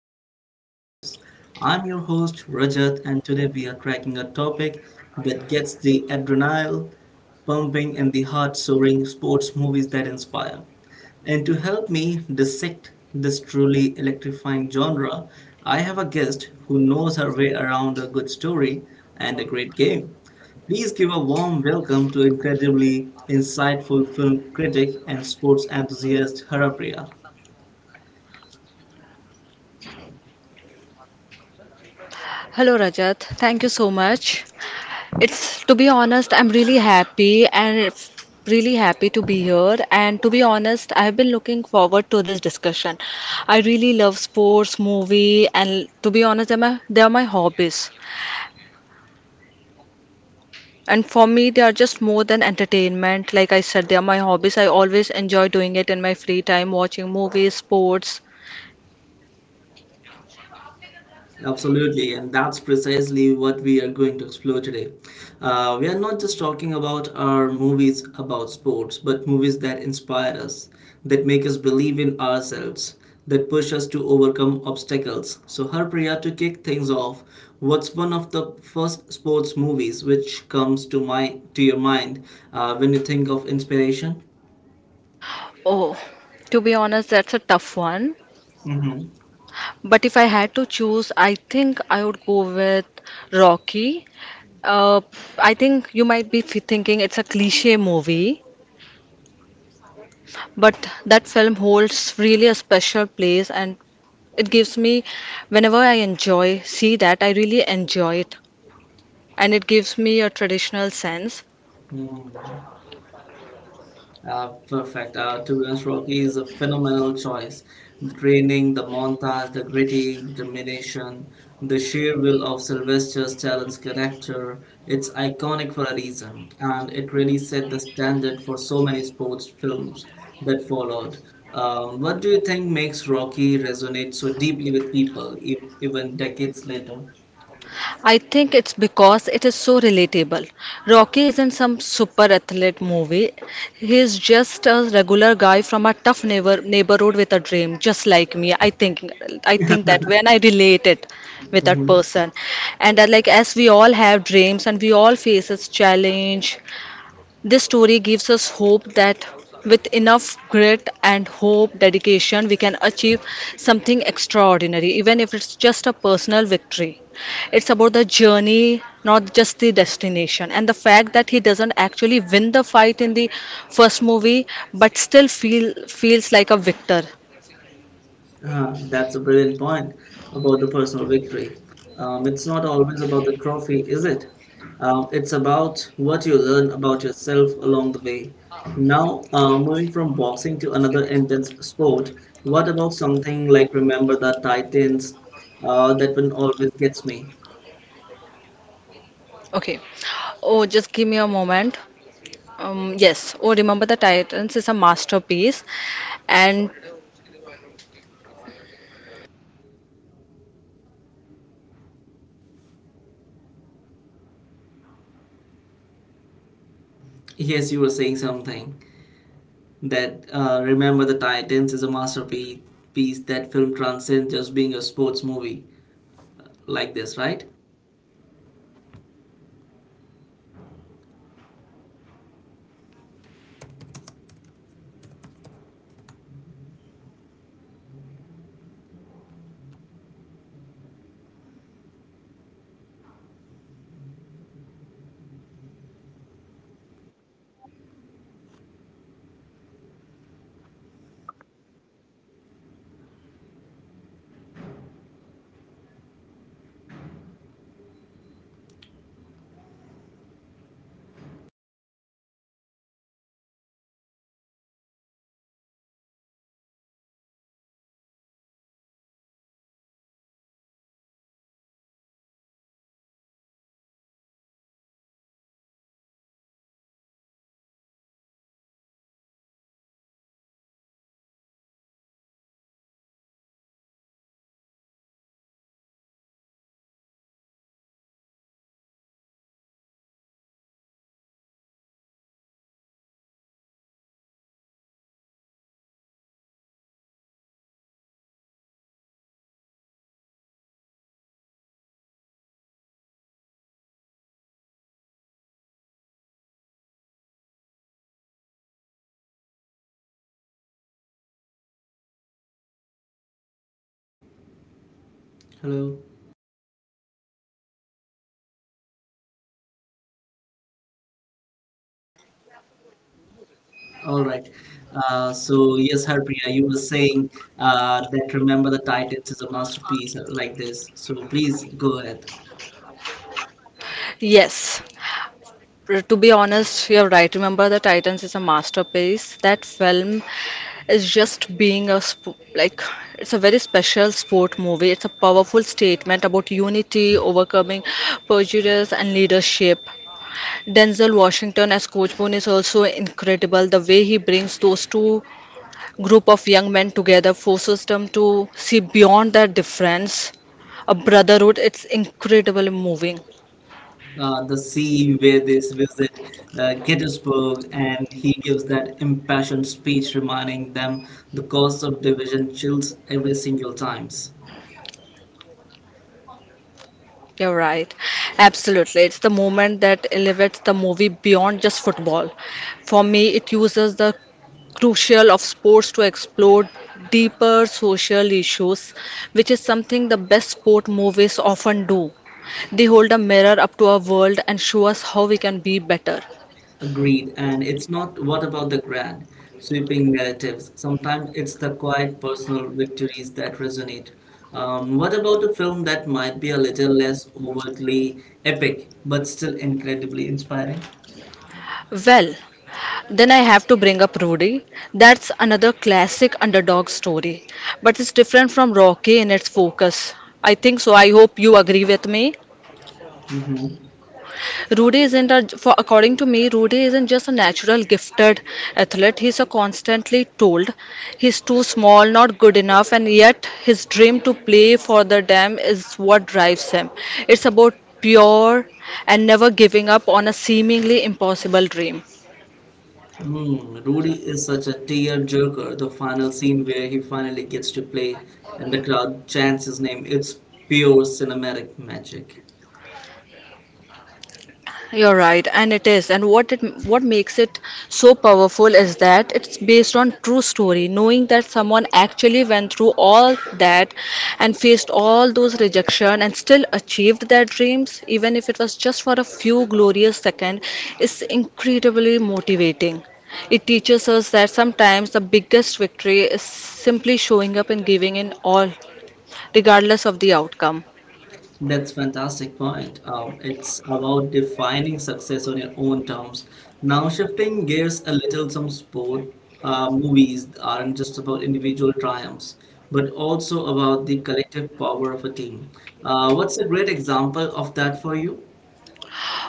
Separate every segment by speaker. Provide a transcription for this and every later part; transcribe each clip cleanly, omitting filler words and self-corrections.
Speaker 1: impact on our lives. I'm your host, Rajat, and today we are cracking a topic that gets the adrenaline pumping and the heart soaring sports movies that inspire. And to help me dissect this truly electrifying genre, I have a guest who knows her way around a good story and a great game. Please give a warm welcome to incredibly insightful film critic and sports enthusiast Harapriya.
Speaker 2: Hello Rajat, thank you so much. It's To be honest, I'm really happy and really happy to be here. And to be honest, I've been looking forward to this discussion. I really love sports, movie, and to be honest, they're my hobbies. And for me, they are just more than entertainment. Like I said, they are my hobbies. I always enjoy doing it in my free time, watching movies, sports.
Speaker 1: Absolutely, and that's precisely what we are going to explore today. We are not just talking about our movies about sports, but movies that inspire us, that make us believe in ourselves, that push us to overcome obstacles. So, Harpriya, to kick things off, what's one of the first sports movies which comes to mind to your mind when you think of inspiration?
Speaker 2: Oh, to be honest, that's a tough one.
Speaker 1: Mm-hmm.
Speaker 2: But if I had to choose, I think I would go with Rocky. Uh, I think you might be thinking it's a cliche movie, but that film holds really a special place and it gives me, whenever I enjoy, see that, I really enjoy it. And it gives me a traditional sense.
Speaker 1: Mm. Perfect. Turbulence Rocky is a phenomenal choice. The training, the montage, the gritty determination, the sheer will of Sylvester Stallone's character. It's iconic for a reason, and it really set the standard for so many sports films that followed. What do you think makes Rocky resonate so deeply with people, even decades later?
Speaker 2: I think it's because it is so relatable. Rocky isn't some super athlete movie. He's just a regular guy from a tough neighborhood with a dream, just like me. I think that when I relate it with that person, and like as we all have dreams and we all faces challenge, this story gives us hope that with enough grit and hope, dedication, we can achieve something extraordinary, even if it's just a personal victory. It's about the journey, not just the destination. And the fact that he doesn't actually win the fight in the first movie, but still feels like a victor.
Speaker 1: That's a brilliant point about the personal victory. It's not always about the trophy, is it? It's about what you learn about yourself along the way. Now, moving from boxing to another intense sport, what about something like Remember the Titans? That one always gets me.
Speaker 2: Okay. Oh, just give me a moment. Yes. Oh, remember the Titans is a masterpiece, and
Speaker 1: Yes, you were saying something that Remember the Titans is a masterpiece. Piece that film transcends just being a sports movie like this, right? Hello. All right. So yes, Harpriya, you were saying that Remember the Titans is a masterpiece like this. So please go ahead.
Speaker 2: yes, to be honest, you're right. Remember, the Titans is a masterpiece. That film is just being a sp like it's a very special sport movie. It's a powerful statement about unity, overcoming prejudice, and leadership. Denzel Washington as Coach Boone is also incredible. The way he brings those two group of young men together forces them to see beyond their difference. A brotherhood. It's incredibly moving.
Speaker 1: The scene where they visit Gettysburg and he gives that impassioned speech reminding them the cost of division chills every single times.
Speaker 2: You're right. Absolutely. It's the moment that elevates the movie beyond just football. For me, it uses the crucial of sports to explore deeper social issues, which is something the best sport movies often do. They hold a mirror up to our world and show us how we can be better.
Speaker 1: Agreed. And it's not what about the grand, sweeping narratives. Sometimes it's the quiet personal victories that resonate. What about a film that might be a little less overtly epic, but still incredibly inspiring?
Speaker 2: Well, then I have to bring up Rudy. That's another classic underdog story, but it's different from Rocky in its focus. I think so. I hope you agree with me.
Speaker 1: Hmm.
Speaker 2: Rudy isn't a, for, according to me, Rudy isn't just a natural gifted athlete. He's a constantly told he's too small, not good enough, and yet his dream to play for the dam is what drives him. It's about pure and never giving up on a seemingly impossible dream.
Speaker 1: Mm, Rudy is such a tear-jerker. The final scene where he finally gets to play and the crowd chants his name, it's pure cinematic magic.
Speaker 2: You're right, and it is. And what makes it so powerful is that it's based on true story, knowing that someone actually went through all that and faced all those rejection and still achieved their dreams, even if it was just for a few glorious seconds, is incredibly motivating. It teaches us that sometimes the biggest victory is simply showing up and giving in all, regardless of the outcome.
Speaker 1: That's fantastic point. It's about defining success on your own terms. Now, shifting gears a little, some sport movies aren't just about individual triumphs, but also about the collective power of a team. What's a great example of that for you?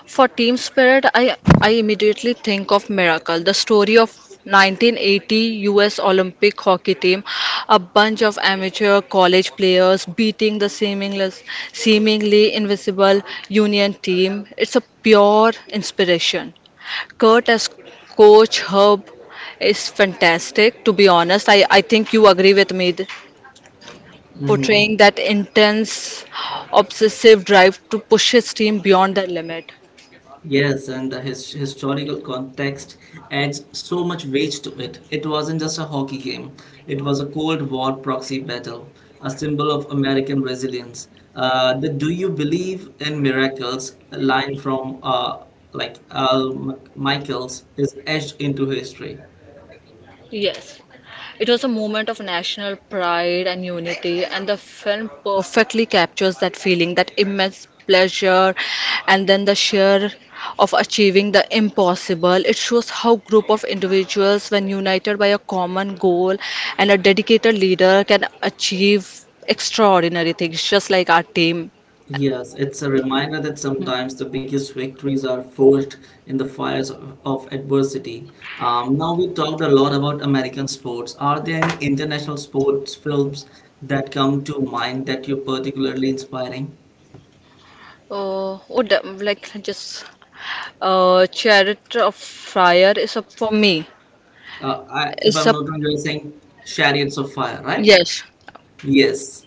Speaker 2: For team spirit, I immediately think of Miracle, the story of 1980 US Olympic hockey team, a bunch of amateur college players beating the seamless, seemingly invincible Union team. It's a pure inspiration. Kurt as coach, Herb is fantastic. To be honest, I think you agree with me.
Speaker 1: Mm-hmm.
Speaker 2: Portraying that intense, obsessive drive to push his team beyond their limit.
Speaker 1: Yes, and the his historical context adds so much weight to it. It wasn't just a hockey game, it was a Cold War proxy battle, a symbol of American resilience. The "Do you believe in miracles?" line from like Al Michaels is etched into history.
Speaker 2: Yes, it was a moment of national pride and unity, and the film perfectly captures that feeling, that immense pleasure, and then the sheer of achieving the impossible. It shows how group of individuals, when united by a common goal and a dedicated leader, can achieve extraordinary things, just like our team.
Speaker 1: Yes, it's a reminder that sometimes the biggest victories are forged in the fires of adversity. Now we talked a lot about American sports. Are there any international sports films that come to mind that you're particularly inspiring?
Speaker 2: Would like just Chariot of Fire is a for me.
Speaker 1: If
Speaker 2: It's
Speaker 1: I'm
Speaker 2: a
Speaker 1: not wrong, you're saying Chariots of Fire, right?
Speaker 2: yes.
Speaker 1: Yes.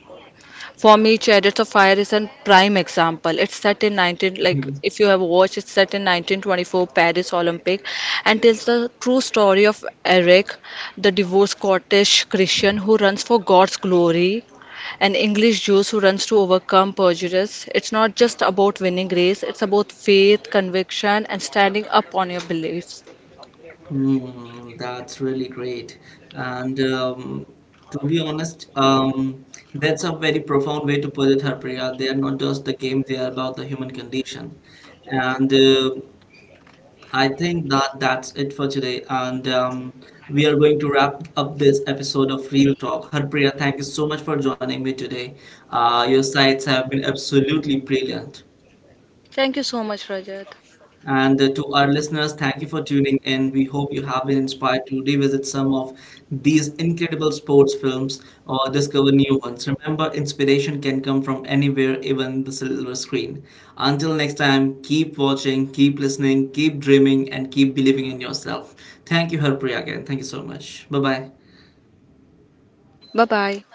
Speaker 2: For me, Chariots of Fire is a prime example. It's set in 19, like
Speaker 1: Mm-hmm.
Speaker 2: if you have watched, it's set in 1924 Paris Olympic, and tells the true story of Eric, the divorced Scottish Christian who runs for God's glory, and English Jews who runs to overcome prejudice. It's not just about winning race; it's about faith, conviction, and standing up on your beliefs.
Speaker 1: Hmm, that's really great. And to be honest, that's a very profound way to put it, Harpriya. They are not just the game, they are about the human condition. And I think that that's it for today. And we are going to wrap up this episode of Real Talk. Harpriya, thank you so much for joining me today. Your sides have been absolutely brilliant.
Speaker 2: Thank you so much, Rajat.
Speaker 1: And to our listeners, thank you for tuning in. We hope you have been inspired to revisit some of these incredible sports films or discover new ones. Remember, inspiration can come from anywhere, even the silver screen. Until next time, keep watching, keep listening, keep dreaming, and keep believing in yourself. Thank you, Harpriya, again. Thank you so much. Bye bye.
Speaker 2: Bye bye.